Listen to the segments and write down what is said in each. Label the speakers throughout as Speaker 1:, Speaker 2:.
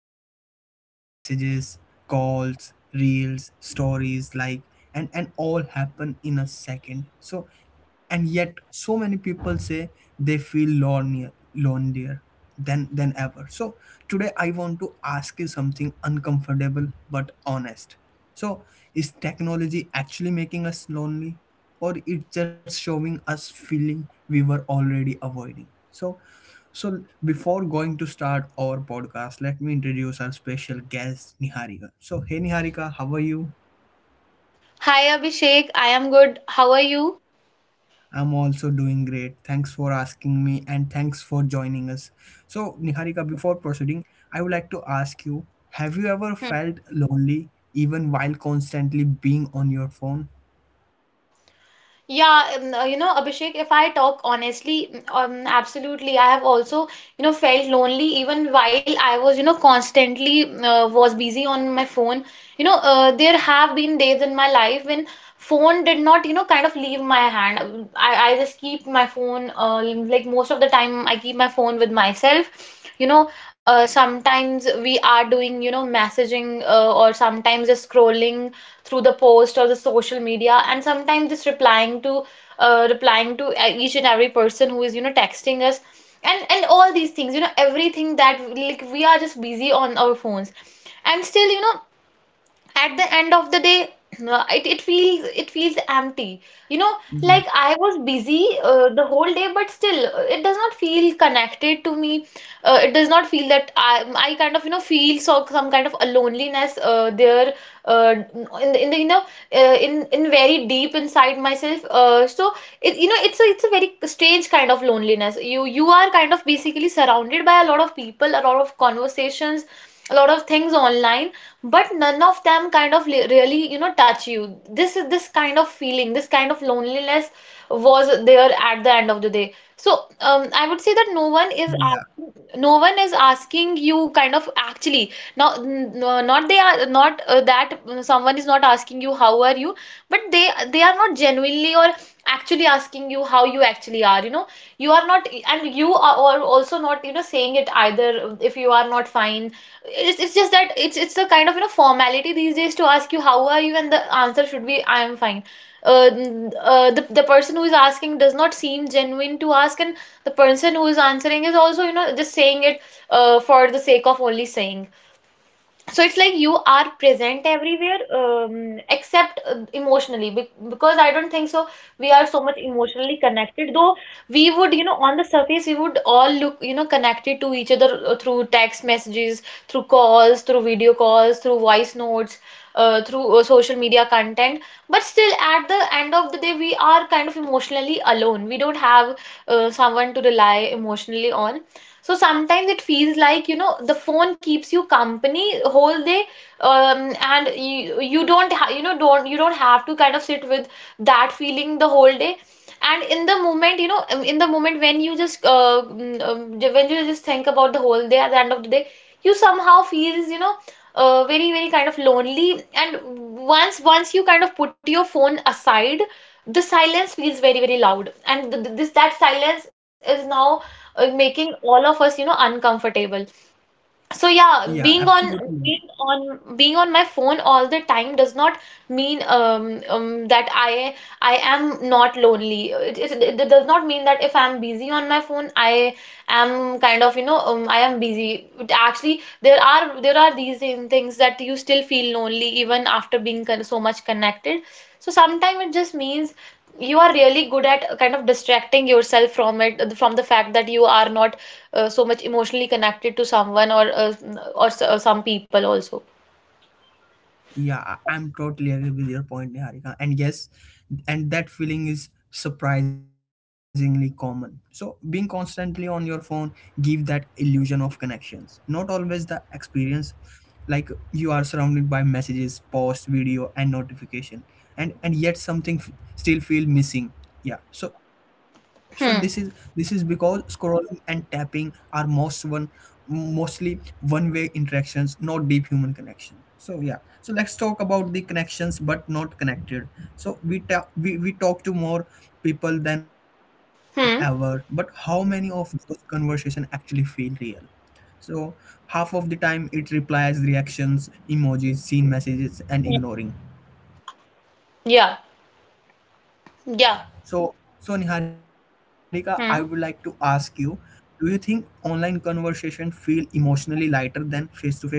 Speaker 1: Like messages, calls, reels, stories, like and all happen in a second. So and yet so many people say they feel lonelier than ever. So today I want to ask you something uncomfortable but honest. So is technology actually making us lonely? Or it's just showing us feeling we were already avoiding. So, before going to start our podcast, let me introduce our special guest, Niharika. So, hey Niharika, how are you?
Speaker 2: Hi Abhishek, I am good. How are you?
Speaker 1: I'm also doing great. Thanks for asking me and thanks for joining us. So, Niharika, before proceeding, I would like to ask you have you
Speaker 2: Hmm.
Speaker 1: ever felt lonely even while constantly being on your phone?
Speaker 2: Yeah, you know, Abhishek, if I talk honestly, absolutely. I have also you know felt lonely even while I was you know constantly was busy on my phone. There have been days in my life when phone did not you know kind of leave my hand. I just keep my phone like most of the time I keep my phone with myself, you know. Sometimes we are doing you know messaging, or sometimes just scrolling through the post or the social media, and sometimes just replying to each and every person who is you know texting us. And all these things, you know, everything that like we are just busy on our phones, and still you know at the end of the day it feels, it feels empty, you know. Like
Speaker 1: Yeah,
Speaker 2: I was busy the whole day, but still it does not feel connected to me. It does not feel that I kind of you know feel so some kind of a loneliness there. uh, in the you know in very deep inside myself, so it, you know, it's a, it's a very strange kind of loneliness. You are kind of basically surrounded by a lot of people, a lot of conversations, a lot of things online, but none of them kind of really you know touch you. This is this kind of feeling, this kind of loneliness was there at the end of the day. So I would say that no one is
Speaker 1: yeah,
Speaker 2: asking, no one is asking you kind of actually, now no, not they are not that someone is not asking you how are you, but they are not genuinely or actually asking you how you actually are, you know. You are not, and you are also not you know saying it either if you are not fine. It's just that it's a kind of you know formality these days to ask you how are you, and the answer should be I am fine. The person who is asking does not seem genuine to ask, and the person who is answering is also you know just saying it for the sake of only saying. So it's like you are present everywhere, except emotionally, because I don't think so we are so much emotionally connected, though we would you know on the surface we would all look you know connected to each other through text messages, through calls, through video calls, through voice notes, through social media content. But still at the end of the day we are kind of emotionally alone. We don't have someone to rely emotionally on. So sometimes it feels like, you know, the phone keeps you company whole day, and you don't ha you know don't, you don't have to kind of sit with that feeling the whole day. And in the moment, you know, in the moment when you just when you just think about the whole day at the end of the day, you somehow feels, you know, very, very kind of lonely. And once you kind of put your phone aside, the silence feels very, very loud. And th th this that silence is now making all of us, you know, uncomfortable. So yeah,
Speaker 1: yeah, absolutely. Right.
Speaker 2: being being on my phone all the time does not mean that I am not lonely. It does not mean that if I'm busy on my phone, I am kind of you know I am busy. It actually, there are these things that you still feel lonely even after being con so much connected. So sometimes it just means you are really good at kind of distracting yourself from it, from the fact that you are not so much emotionally connected to someone, or some people also.
Speaker 1: Yeah, I'm totally agree with your point, Niharika. And yes, and that feeling is surprisingly common. So being constantly on your phone give that illusion of connections. Not always the experience. Like you are surrounded by messages, posts, video, and notification, and yet something still feel missing. Yeah, so this is
Speaker 2: Hmm.
Speaker 1: because scrolling and tapping are mostly one way interactions, not deep human connection. So yeah, so let's talk about the connections but not connected. So we talk to more people than ever, but
Speaker 2: Hmm.
Speaker 1: how many of those conversation actually feel real? So half of the time it replies, reactions, emojis, seen messages, and
Speaker 2: Yeah.
Speaker 1: ignoring.
Speaker 2: Yeah. Yeah.
Speaker 1: So, Niharika, I would like to
Speaker 2: Hmm.
Speaker 1: ask you, do you think online conversation feel emotionally lighter than face-to-face one?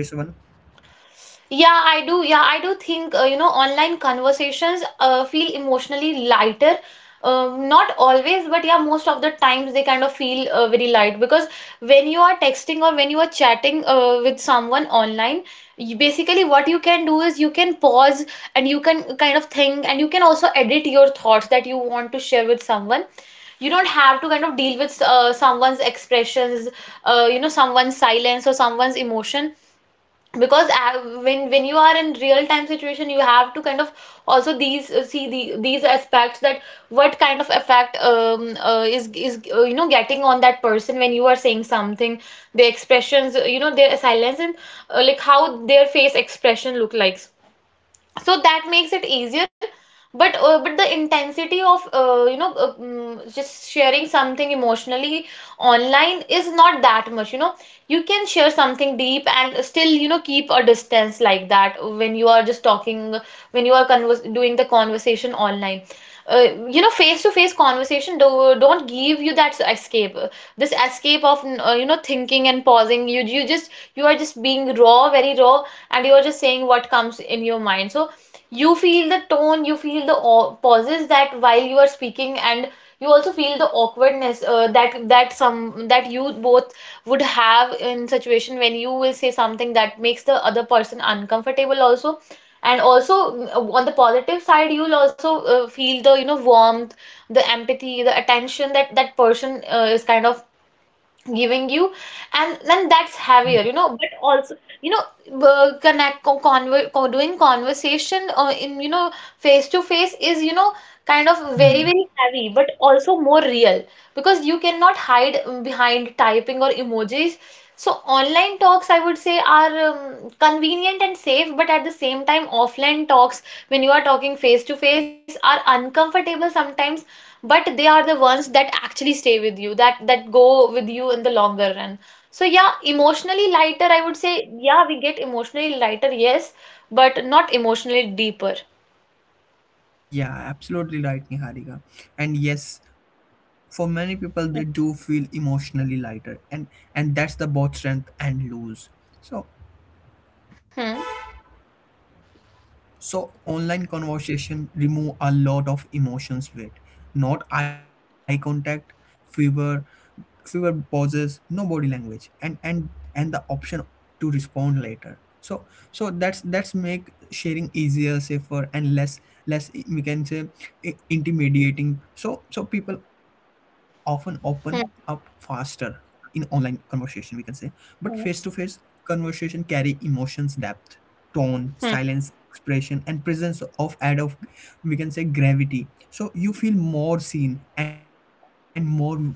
Speaker 2: Yeah, I do. Yeah, I do think, you know, online conversations feel emotionally lighter. Not always, but yeah, most of the times they kind of feel very light, because when you are texting or when you are chatting with someone online, you, basically what you can do is you can pause and you can kind of think, and you can also edit your thoughts that you want to share with someone. You don't have to kind of deal with someone's expressions, you know, someone's silence or someone's emotion, because when you are in real time situation, you have to kind of also these see the these aspects that what kind of effect is you know getting on that person when you are saying something, their expressions, you know, their silence, and like how their face expression look like. So that makes it easier. But but the intensity of you know just sharing something emotionally online is not that much, you know. You can share something deep and still you know keep a distance, like that, when you are just talking, when you are doing the conversation online. You know, face to face conversation don't give you that escape, this escape of you know thinking and pausing. You just, you are just being raw, very raw, and you are just saying what comes in your mind. So you feel the tone, you feel the pauses that while you are speaking, and you also feel the awkwardness that you both would have in situation when you will say something that makes the other person uncomfortable also. And also on the positive side, you'll also feel the you know warmth, the empathy, the attention that that person is kind of giving you. And then that's heavier, you know. But also you know connect co- conver co- doing conversation in you know face to face is you know kind of very, very
Speaker 1: Hmm.
Speaker 2: heavy, but also more real, because you cannot hide behind typing or emojis. So online talks I would say are convenient and safe, but at the same time offline talks, when you are talking face to face, are uncomfortable sometimes, but they are the ones that actually stay with you, that that go with you in the longer run. So yeah, emotionally lighter I would say, yeah, we get emotionally lighter, yes, but not emotionally deeper.
Speaker 1: Yeah, absolutely right, Niharika. And yes, for many people, they do feel emotionally lighter, and that's the both strength and lose. So
Speaker 2: Hmm.
Speaker 1: so online conversation remove a lot of emotions with not eye contact, fever, fewer pauses, no body language, and and the option to respond later. So that's make sharing easier, safer, and less less we can say intimidating. So so people often open up
Speaker 2: Hmm.
Speaker 1: faster in online conversation we can say, but face to
Speaker 2: Hmm.
Speaker 1: face conversation carry emotions depth, tone, silence, expression, and presence of add of we can say gravity. So you feel more seen and more vulnerable.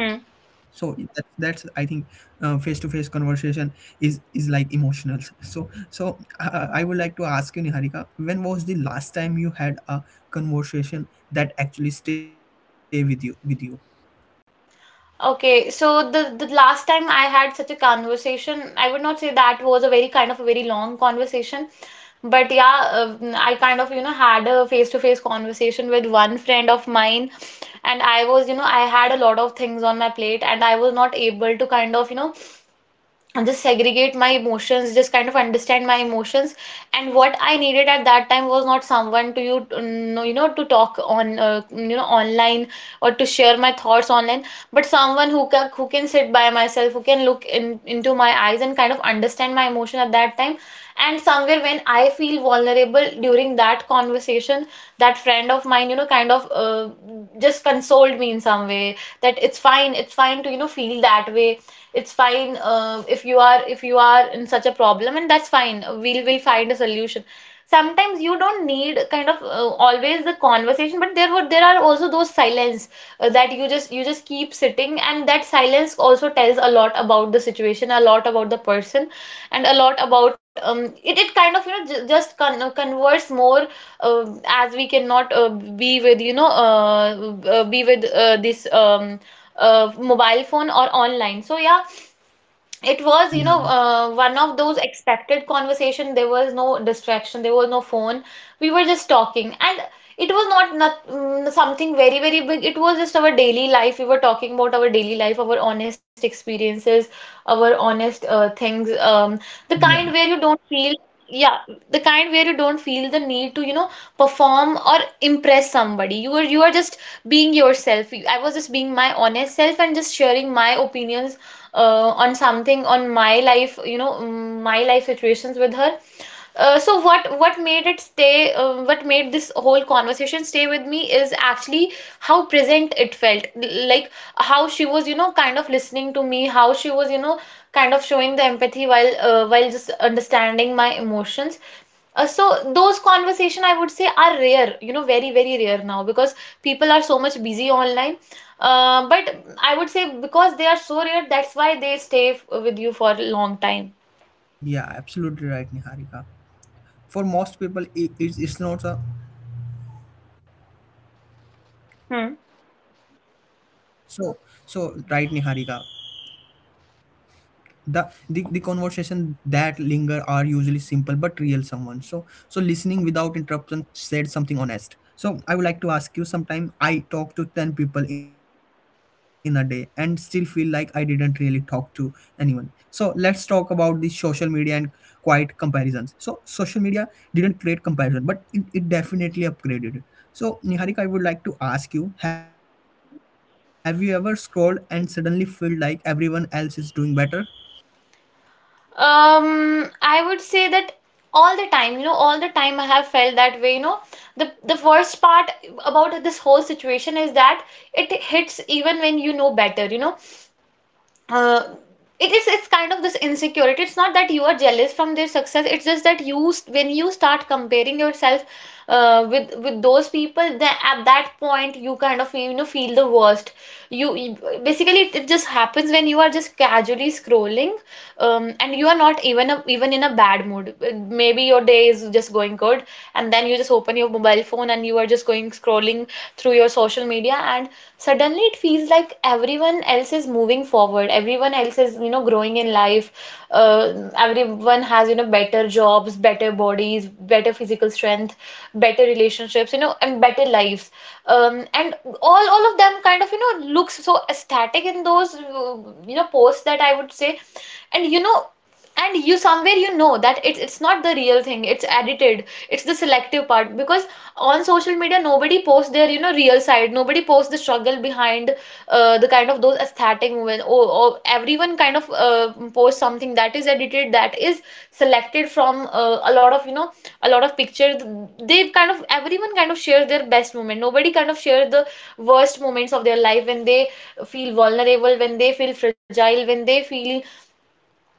Speaker 2: Hmm.
Speaker 1: So that's I think face to face conversation is like emotional. So I would like to ask you, Niharika, when was the last time you had a conversation that actually stay with you?
Speaker 2: Okay, so the last time I had such a conversation, I would not say that was a very kind of a very long conversation, but yeah, I kind of you know had a face-to-face conversation with one friend of mine, and I was you know I had a lot of things on my plate, and I was not able to kind of you know just segregate my emotions, just kind of understand my emotions. And what I needed at that time was not someone to you know to talk on you know online, or to share my thoughts online, but someone who can, who can sit by myself, who can look in into my eyes and kind of understand my emotion at that time. And somewhere when I feel vulnerable during that conversation, that friend of mine you know kind of just consoled me in some way, that it's fine, it's fine to you know feel that way, it's fine if you are, if you are in such a problem, and that's fine, we'll find a solution. Sometimes you don't need kind of always the conversation, but there would, there are also those silence, that you just, you just keep sitting, and that silence also tells a lot about the situation, a lot about the person, and a lot about um, it kind of you know converse more, as we cannot be with you know be with this mobile phone or online. So yeah, it was you know
Speaker 1: Yeah,
Speaker 2: one of those expected conversation. There was no distraction, there was no phone, we were just talking, and it was not something very, very big. It was just our daily life. We were talking about our daily life, our honest experiences, our honest things, the kind
Speaker 1: yeah,
Speaker 2: where you don't feel, yeah, the kind where you don't feel the need to you know perform or impress somebody. You are, you are just being yourself. I was just being my honest self and just sharing my opinions on something on my life, my life situations with her. So what made it stay, what made this whole conversation stay with me is actually how present it felt. Like, how she was, you know, kind of listening to me, how she was, you know, kind of showing the empathy while just understanding my emotions. So those conversation I would say are rare, you know, very, very rare now because people are so much busy online. But I would say because they are so rare, that's why they stay with you for a long time.
Speaker 1: yeah. Absolutely right, Niharika. For most people, it's not a
Speaker 2: Hmm.
Speaker 1: so so right, Niharika. The conversation that linger are usually simple but real, someone so so listening without interruption, said something honest. So I would like to ask you, sometime I talk to 10 people in a day and still feel like I didn't really talk to anyone. So let's talk about the social media and quiet comparisons. So social media didn't create comparison, but it definitely upgraded. So, Niharika, I would like to ask you, have you ever scrolled and suddenly felt like everyone else is doing better?
Speaker 2: I would say that all the time, you know, all the time I have felt that way, you know. The worst part about this whole situation is that it hits even when you know better, you know. Uh, it is, it's kind of this insecurity. It's not that you are jealous from their success. It's just that when you start comparing yourself with those people, then at that point you kind of, you know, feel the worst. You basically, it just happens when you are just casually scrolling, and you are not even in a bad mood. Maybe your day is just going good, and then you just open your mobile phone and you are just going scrolling through your social media, and suddenly it feels like everyone else is moving forward, everyone else is, you know, growing in life. uh, Everyone has, you know, better jobs, better bodies, better physical strength, better relationships, you know, and better lives. And all of them kind of, you know, looks so ecstatic in those, you know, posts, that I would say, and you know, and you somewhere you know that it's not the real thing, it's edited, it's the selective part, because on social media nobody posts their, you know, real side, nobody posts the struggle behind. The kind of those aesthetic movement, or everyone kind of posts something that is edited, that is selected from, a lot of, you know, a lot of pictures. They kind of, everyone kind of shares their best moment, nobody kind of shares the worst moments of their life, when they feel vulnerable, when they feel fragile, when they feel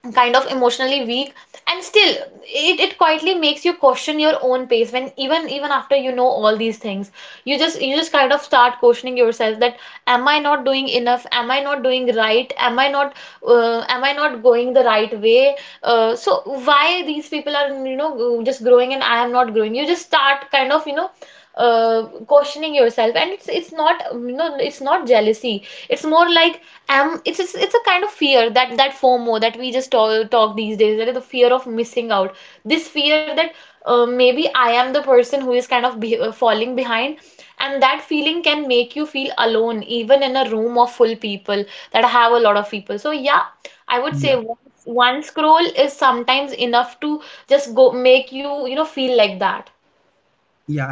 Speaker 2: kind of emotionally weak. And still, it quietly makes you question your own pace, when even, even after, you know, all these things, you just kind of start questioning yourself, that am I not doing enough, am I not doing right, am I not, am I not going the right way. So why these people are, you know, just growing and I am not growing? You just start kind of, you know, questioning yourself, and it's not, you know, it's not jealousy, it's more like, um, it's it's a kind of fear, that that FOMO that we just all talk these days, that is the fear of missing out, this fear that, maybe I am the person who is kind of falling behind, and that feeling can make you feel alone even in a room of full people, that have a lot of people. So yeah, I would say
Speaker 1: Yeah,
Speaker 2: one, one scroll is sometimes enough to just go make you, you know, feel like that.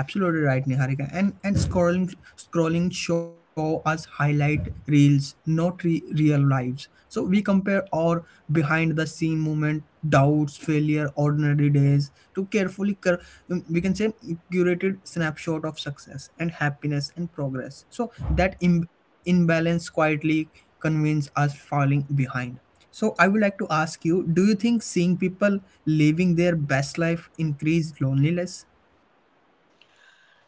Speaker 1: yeah, absolutely right, Niharika. And scrolling show us highlight reels, not real lives. So we compare our behind the scene moment, doubts, failure, ordinary days to carefully cur- we can say curated snapshot of success and happiness and progress. So that imbalance quietly convince us falling behind. So I would like to ask you, do you think seeing people living their best life increased loneliness?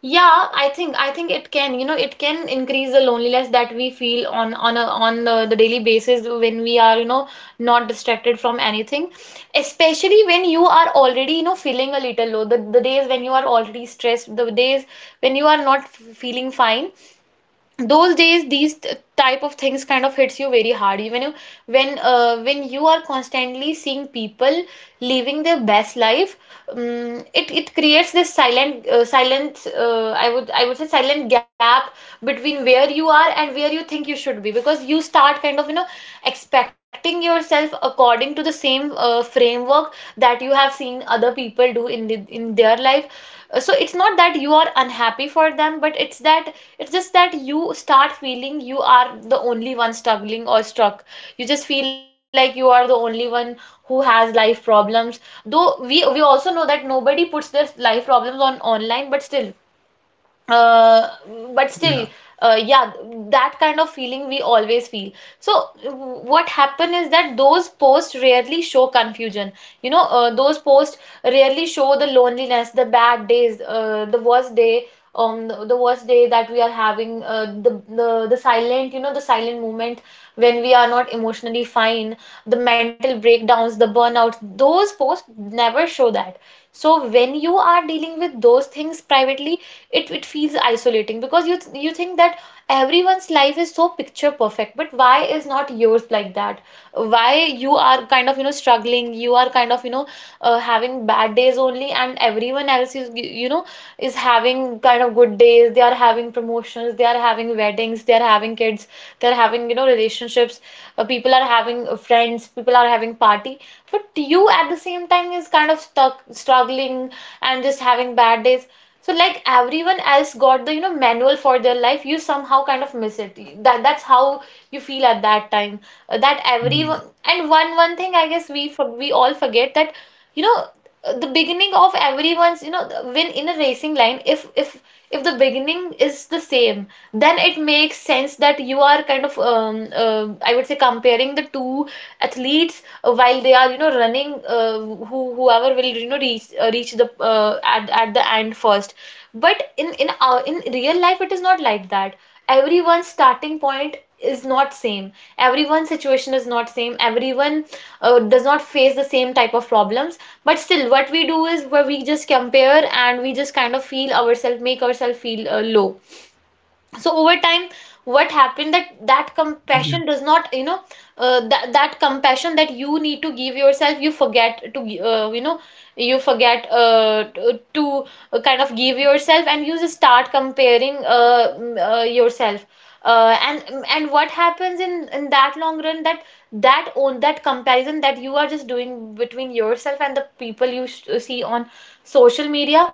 Speaker 2: Yeah, I think it can, you know, it can increase the loneliness that we feel on on, the daily basis when we are, you know, not distracted from anything. Especially when you are already, you know, feeling a little low. The days when you are already stressed, the days when you are not feeling fine, those days, type of things kind of hits you very hard, even you, when you are constantly seeing people living their best life. It it creates this silent, silent, I would say silent gap between where you are and where you think you should be, because you start kind of, you know, expecting yourself according to the same framework that you have seen other people do in in their life. So it's not that you are unhappy for them, but it's that, it's just that you start feeling you are the only one struggling or struck, you just feel like you are the only one who has life problems, though we also know that nobody puts their life problems on online, but still, uh, but still,
Speaker 1: Yeah.
Speaker 2: yeah, that kind of feeling we always feel. So what happen is that those posts rarely show confusion, you know, those posts rarely show the loneliness, the bad days, the worst day, the worst day that we are having, the the silent, you know, the silent moment when we are not emotionally fine, the mental breakdowns, the burnout, those posts never show that. So when you are dealing with those things privately, it feels isolating, because you think that everyone's life is so picture perfect, but why is not yours like that? Why you are kind of, you know, struggling, you are kind of, you know, having bad days only, and everyone else is, you know, is having kind of good days, they are having promotions, they are having weddings, they are having kids, they are having, you know, relationships, people are having friends, people are having party, but you at the same time is kind of stuck struggling and just having bad days. So like everyone else got the, you know, manual for their life, you somehow kind of miss it, that's how you feel at that time. That everyone,
Speaker 1: Yeah,
Speaker 2: and one thing I guess we we all forget, that you know, the beginning of everyone's, you know, when in a racing line, if the beginning is the same, then it makes sense that you are kind of, I would say, comparing the two athletes while they are, you know, running, whoever will, you know, reach the, at the end first. But in our in real life it is not like that. Everyone's starting point is not same, everyone's situation is not same, everyone does not face the same type of problems, but still what we do is where we just compare and we just kind of feel ourselves, make ourselves feel low. So over time, what happened
Speaker 1: yeah,
Speaker 2: that that compassion does not, you know, that compassion that you need to give yourself, you forget to, you know, you forget, to, kind of give yourself, and you just start comparing, yourself, uh, and and what happens in that long run, that that on that comparison that you are just doing between yourself and the people you see on social media,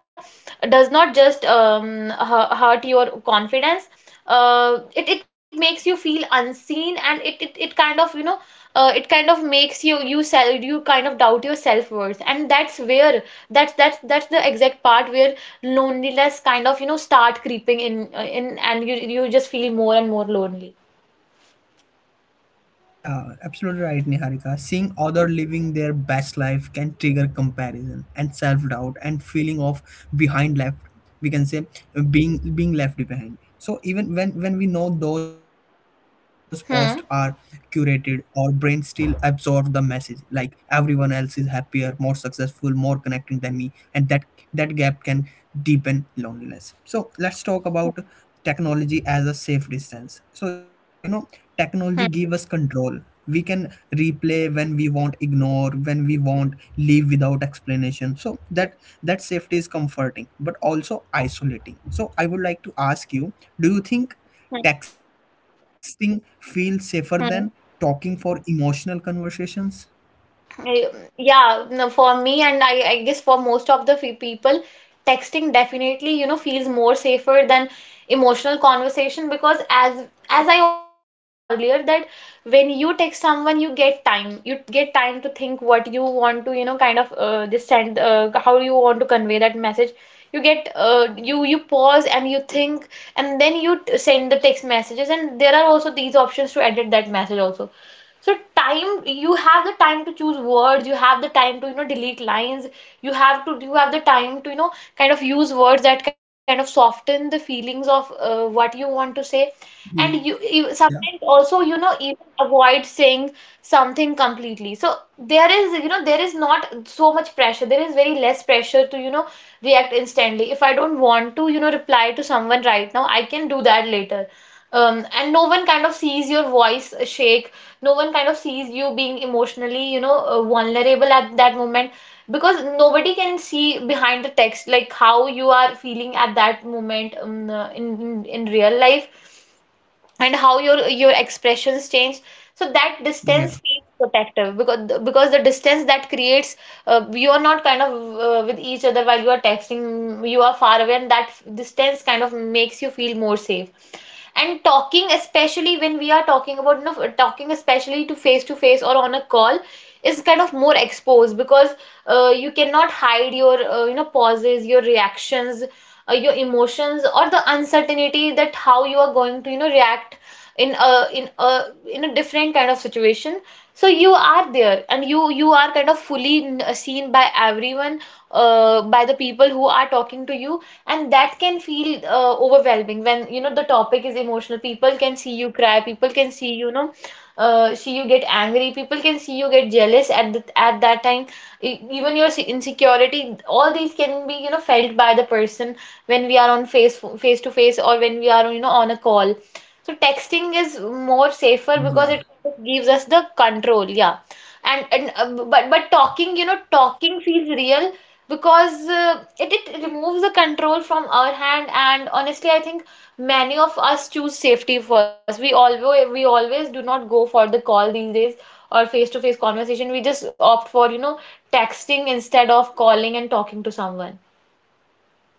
Speaker 2: does not just, hurt your confidence, it it makes you feel unseen, and it kind of, you know, it kind of makes you, you sell you kind of doubt your self-worth, and that's where, that's the exact part where loneliness kind of, you know, start creeping in, and you just feel more and more lonely.
Speaker 1: yeah, absolutely right, Niharika. Seeing other living their best life can trigger comparison and self-doubt and feeling of behind left. We can say being left behind. So even when we know those posts are
Speaker 2: Hmm.
Speaker 1: curated, our brain still absorbs the message like everyone else is happier, more successful, more connecting than me, and that that gap can deepen loneliness. So let's talk about technology as a safe distance. So you know, technology give us
Speaker 2: Hmm.
Speaker 1: control. We can replay when we want, ignore when we want, leave without explanation. So that that safety is comforting but also isolating. So I would like to ask you, do you think
Speaker 2: Hmm.
Speaker 1: texting feels safer than
Speaker 2: Hmm.
Speaker 1: talking for emotional conversations?
Speaker 2: I- Yeah, no, for me, and I, guess for most of the people, texting definitely, you know, feels more safer than emotional conversation, because as I already said, you know, earlier, that when you text someone, you get time. You get time to think what you want to, you know, kind of just send, how you want to convey that message. You get you pause and you think and then send the text messages, and there are also these options to edit that message also. So time, you have the time to choose words, you have the time to, you know, delete lines. You have the time to, you know, kind of use words that kind of soften the feelings of what you want to say. And
Speaker 1: Yeah.
Speaker 2: you sometimes also, you know, even avoid saying something completely. So there is, you know, there is not so much pressure, there is very less pressure to, you know, react instantly. If I don't want to, you know, reply to someone right now, I can do that later. And no one kind of sees your voice shake, no one kind of sees you being emotionally, you know, vulnerable at that moment, because nobody can see behind the text like how you are feeling at that moment, in in real life, and how your expressions change. So that
Speaker 1: yeah
Speaker 2: distance feels protective, because the distance that creates, you are not kind of with each other while you are texting, you are far away, and that distance kind of makes you feel more safe. And talking, especially when we are talking about, you know, talking especially to face or on a call, is kind of more exposed because you cannot hide your you know, pauses, your reactions, your emotions, or the uncertainty that how you are going to, you know, react in a in a different kind of situation. So you are there and you are kind of fully seen by everyone, by the people who are talking to you. And that can feel overwhelming when, you know, the topic is emotional. People can see you cry, people can see, you know, see you get angry, people can see you get jealous at at that time. Even your insecurity, all these can be, you know, felt by the person when we are on face face to face or when we are, you know, on a call. So texting is more safer
Speaker 1: yeah
Speaker 2: because it gives us the control, yeah. And but
Speaker 1: yeah.
Speaker 2: talking, you know, talking feels real because it removes the control from our hand. And honestly, I think many of us choose safety first. We always do not go for the call these days, or face to face conversation. We just opt for, you know, texting instead of calling and talking to someone.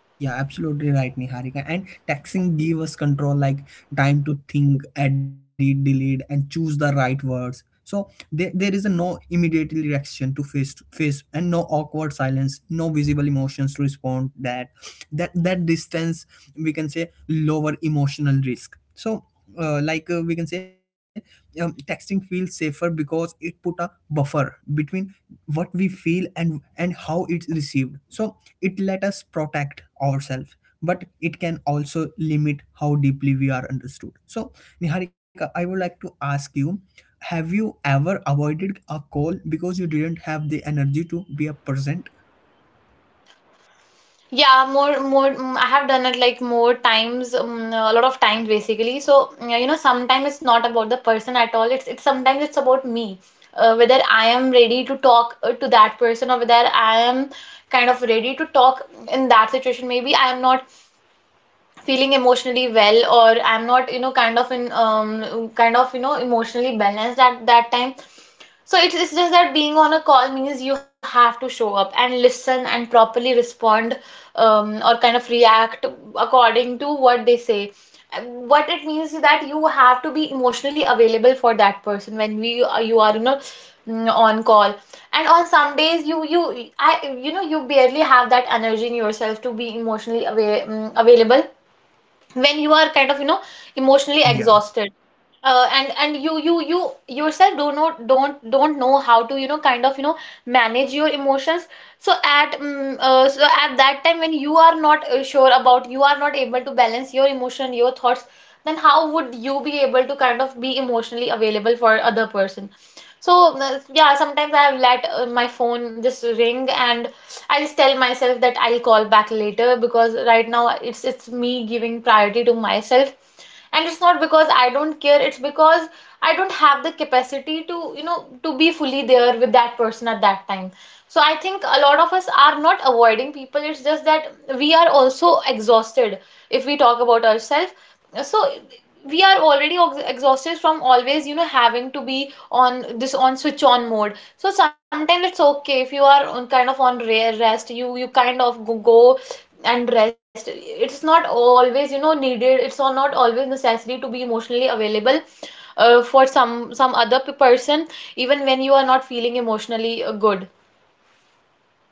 Speaker 1: Yeah, absolutely right, Niharika. And texting gave us control, like time to think, edit, delete, and choose the right words. So there is a no immediate reaction to face face, and no awkward silence, no visible emotions to respond. That distance, we can say, lower emotional risk. So like we can say texting feels safer because it put a buffer between what we feel and how it's received. So it let us protect ourselves, but it can also limit how deeply we are understood. So Niharika, I would like to ask you, have you ever avoided a call because you didn't have the energy to be a present?
Speaker 2: Yeah, more. I have done it like more times, a lot of times basically. So yeah, you know, sometimes it's not about the person at all. It's sometimes it's about me, whether I am ready to talk to that person, or whether I am kind of ready to talk in that situation. Maybe I am not feeling emotionally well, or I'm not, you know, kind of in, kind of, you know, emotionally balanced at that time. So it is just that being on a call means you have to show up and listen and properly respond, or kind of react according to what they say. What it means is that you have to be emotionally available for that person when we you are, you know, on call. And on some days you you I you know, you barely have that energy in yourself to be emotionally available when you are kind of, you know, emotionally
Speaker 1: Yeah.
Speaker 2: exhausted, and you yourself do not don't don't know how to, you know, kind of, you know, manage your emotions. So at mm so at that time when you are not sure about, you are not able to balance your emotion, your thoughts, then how would you be able to kind of be emotionally available for other person? So yeah, sometimes I have let my phone just ring and I just tell myself that I'll call back later, because right now it's me giving priority to myself. And it's not because I don't care, it's because I don't have the capacity to, you know, to be fully there with that person at that time. So I think a lot of us are not avoiding people, it's just that we are also exhausted, if we talk about ourselves. So we are already exhausted from always, you know, having to be on this, on switch on mode. So sometimes it's okay if you are on kind of on rare rest, you kind of go and rest. It's not always, you know, needed, it's all not always necessary to be emotionally available for some other person, even when you are not feeling emotionally good.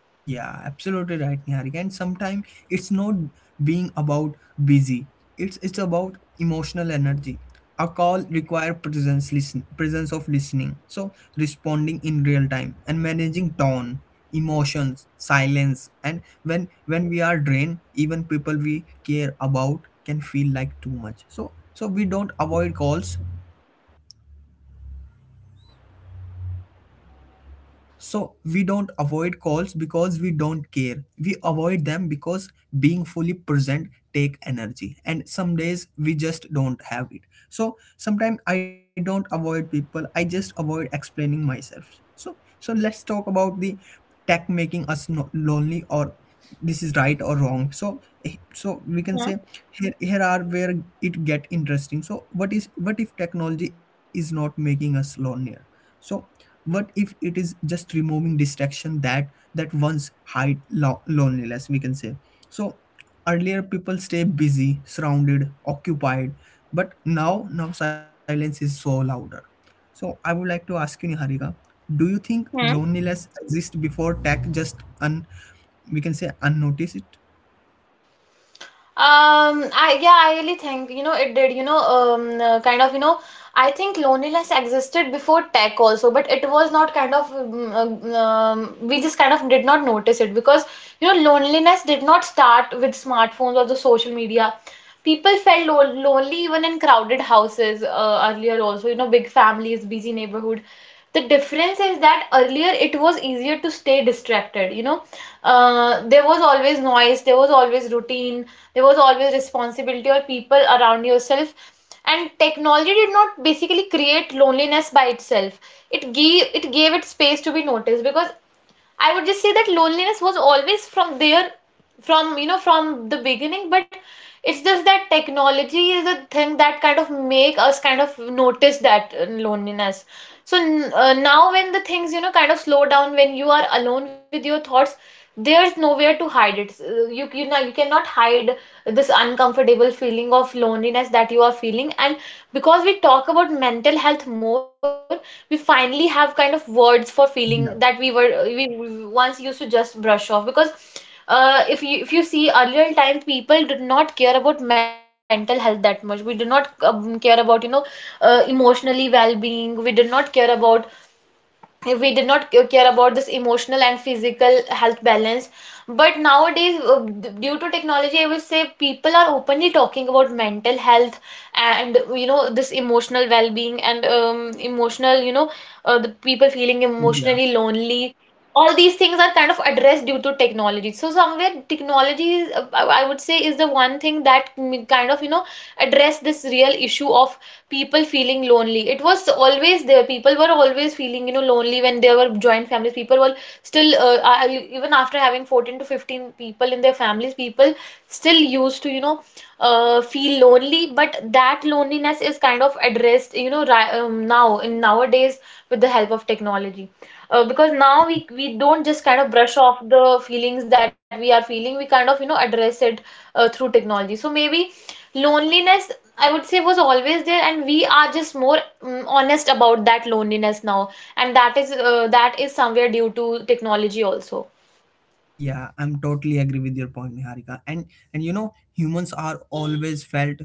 Speaker 1: Yeah, absolutely right, Niharika. And sometimes it's not being about busy. It's about emotional energy. A call require presence listen presence of listening. So responding in real time and managing tone, emotions, silence. And when we are drained, even people we care about can feel like too much. So so we don't avoid calls. So we don't avoid calls because we don't care. We avoid them because being fully present take energy and some days we just don't have it. So sometimes I don't avoid people. I just avoid explaining myself. So so let's talk about the tech making us lonely or this is right or wrong. So we can say
Speaker 2: Hmm.
Speaker 1: here are where it get interesting. So what is what if technology is not making us lonelier? So what if it is just removing distraction that that once hide loneliness we can say. So earlier people stay busy, surrounded, occupied, but now silence is so louder. So I would like to ask you, Niharika, do you think
Speaker 2: Hmm.
Speaker 1: loneliness exists before tech, just un we can say unnoticed?
Speaker 2: I, yeah, I really think, you know, it did, you know, kind of, you know, I think loneliness existed before tech also, but it was not kind of, we just kind of did not notice it, because you know, loneliness did not start with smartphones or the social media. People felt lo lonely even in crowded houses, earlier also, you know, big families, busy neighborhood. The difference is that earlier it was easier to stay distracted, you know. There was always noise, there was always routine, there was always responsibility or people around yourself. And technology did not basically create loneliness by itself. It gave it space to be noticed, because I would just say that loneliness was always from there, from, you know, from the beginning, but it's just that technology is a thing that kind of make us kind of notice that loneliness. So now when the things, you know, kind of slow down, when you are alone with your thoughts, there's nowhere to hide it. You know, you cannot hide this uncomfortable feeling of loneliness that you are feeling. And because we talk about mental health more, we finally have kind of words for
Speaker 1: yeah
Speaker 2: feeling that we were we once used to just brush off. Because if you see earlier times, people did not care about mental health that much. We did not, care about, you know, emotionally well-being. We did not care about, if we did not care about this emotional and physical health balance. But nowadays, due to technology, I would say people are openly talking about mental health, and you know, this emotional well-being, and emotional, you know, the people feeling emotionally lonely. All these things are kind of addressed due to technology. So somewhere technology is, I would say, is the one thing that kind of, you know, address this real issue of people feeling lonely. It was always there, people were always feeling, you know, lonely when they were joint families. People were still even after having 14 to 15 people in their families, people still used to, you know, feel lonely. But that loneliness is kind of addressed, you know, now in nowadays with the help of technology, because now we
Speaker 1: yeah
Speaker 2: we don't just kind of brush off the feelings that we are feeling, we kind of, you know, address it through technology. So maybe loneliness, I would say, was always there, and we are just more honest about that loneliness now. And that is somewhere due to technology also.
Speaker 1: Yeah, I'm totally agree with your point, Niharika. And you know, humans are always felt,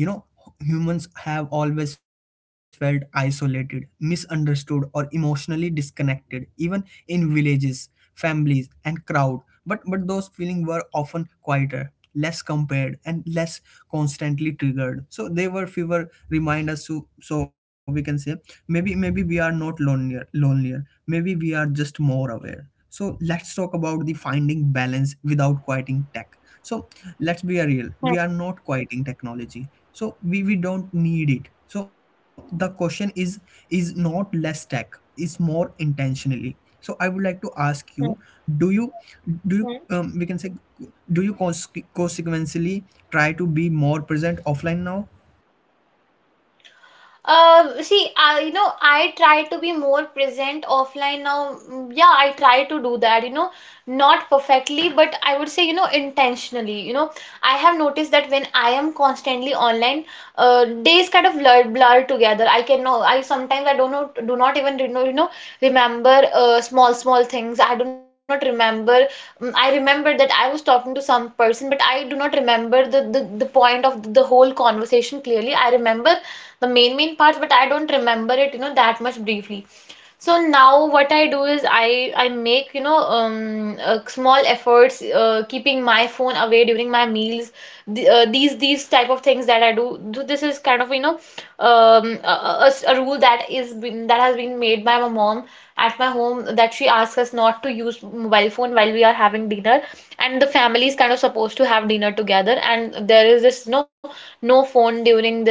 Speaker 1: you know, humans have always felt isolated, misunderstood, or emotionally disconnected, even in villages, families, and crowd. But those feelings were often quieter, less compared, and less constantly triggered. So they were fewer reminders to so we can say maybe maybe we are not lonelier. Maybe we are just more aware. So let's talk about the finding balance without quieting tech. So let's be real. We
Speaker 2: Hmm,
Speaker 1: are not quieting technology. So we don't need it. So the question is not less tech, it's more intentionally. So I would like to ask you,
Speaker 2: hmm,
Speaker 1: do you do you
Speaker 2: hmm.
Speaker 1: we can say do you consequently try to be more present offline now?
Speaker 2: See, I, you know, I try to be more present offline now. Yeah, I try to do that, you know, not perfectly, but I would say, you know, intentionally, you know, I have noticed that when I am constantly online, days kind of blur together. I can know I Sometimes I don't know do not even, you know, you know, remember small things. I do not remember. I remember that I was talking to some person, but I do not remember the point of the whole conversation clearly. I remember the main parts, but I don't remember it, you know, that much briefly. So now what I do is I make, you know, small efforts, keeping my phone away during my meals, these type of things that I do. This is kind of, you know, a rule that that has been made by my mom at my home, that she asks us not to use mobile phone while we are having dinner, and the family is kind of supposed to have dinner together, and there is this no phone during this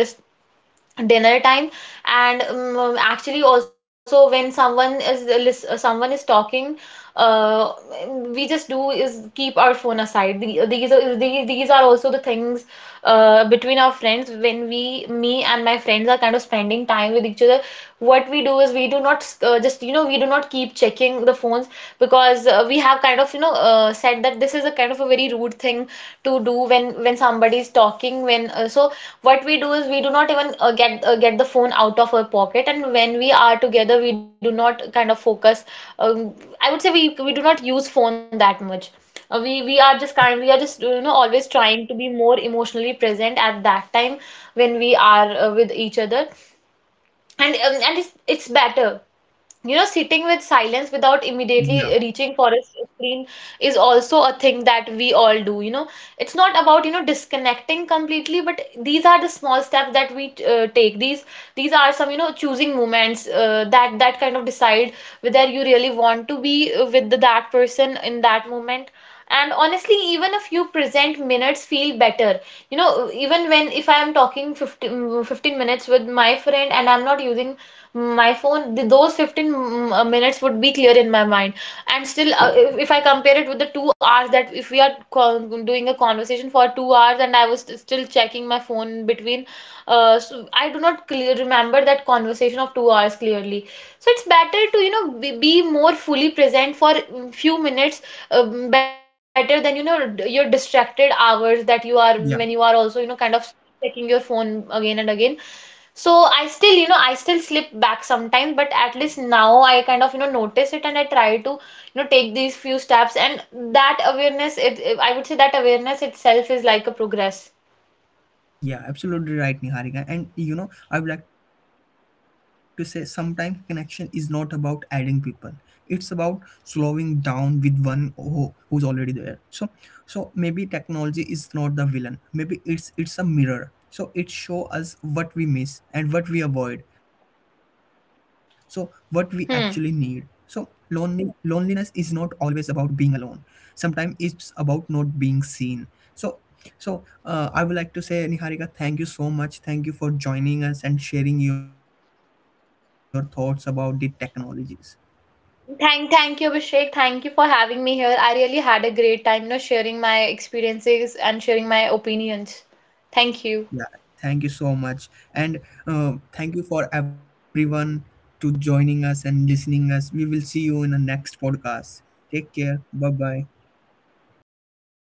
Speaker 2: dinner time. And actually also when someone is talking, uh we just do is keep our phone aside. These are also the things between our friends. When we me and my friends are kind of spending time with each other, what we do is we do not just, you know, we do not keep checking the phones. Because we have kind of, you know, said that this is a kind of a very rude thing to do when somebody is talking, when so what we do is we do not even get the phone out of our pocket. And when we are together, we do not kind of focus. um, I would say we do not use phone that much. We are just
Speaker 1: Yeah,
Speaker 2: you know, always trying to be more emotionally present at that time when we are with each other. And it's better. You know, sitting with silence without immediately
Speaker 1: yeah,
Speaker 2: reaching for a screen is also a thing that we all do, you know. It's not about, you know, disconnecting completely, but these are the small steps that we take. These are some, you know, choosing moments that that kind of decide whether you really want to be with that person in that moment. And honestly, even a few present minutes feel better, you know. Even when, if I'm talking 15 15 minutes with my friend, and I'm not using my phone, those 15 minutes would be clear in my mind. And still if I compare it with the 2 hours, that if we are doing a conversation for 2 hours, and I was still checking my phone in between, so I do not remember that conversation of 2 hours clearly. So it's better to, you know, be more fully present for few minutes, better than, you know, your distracted hours that you are, when you are
Speaker 1: yeah.
Speaker 2: also, you know, kind of checking your phone again and again. So I still, you know, I still slip back sometimes, but at least now I kind of, you know, notice it, and I try to, you know, take these few steps. And that awareness, I would say that awareness itself is like a progress.
Speaker 1: Yeah, absolutely right, Niharika. And you know, I would like to say sometimes connection is not about adding people, it's about slowing down with one who's already there. So, so maybe technology is not the villain. Maybe it's a mirror. So it show us what we miss and what we avoid. So what we actually need. So
Speaker 2: Hmm
Speaker 1: lonely loneliness is not always about being alone. Sometimes it's about not being seen. So so I would like to say, Niharika, thank you so much. Thank you for joining us and sharing your thoughts about the technologies.
Speaker 2: Thank, thank you, Abhishek. Thank you for having me here. I really had a great time, you know, sharing my experiences and sharing my opinions. Thank you.
Speaker 1: Yeah, thank you so much, and thank you for everyone to joining us and listening us. We will see you in the next podcast. Take care. Bye bye.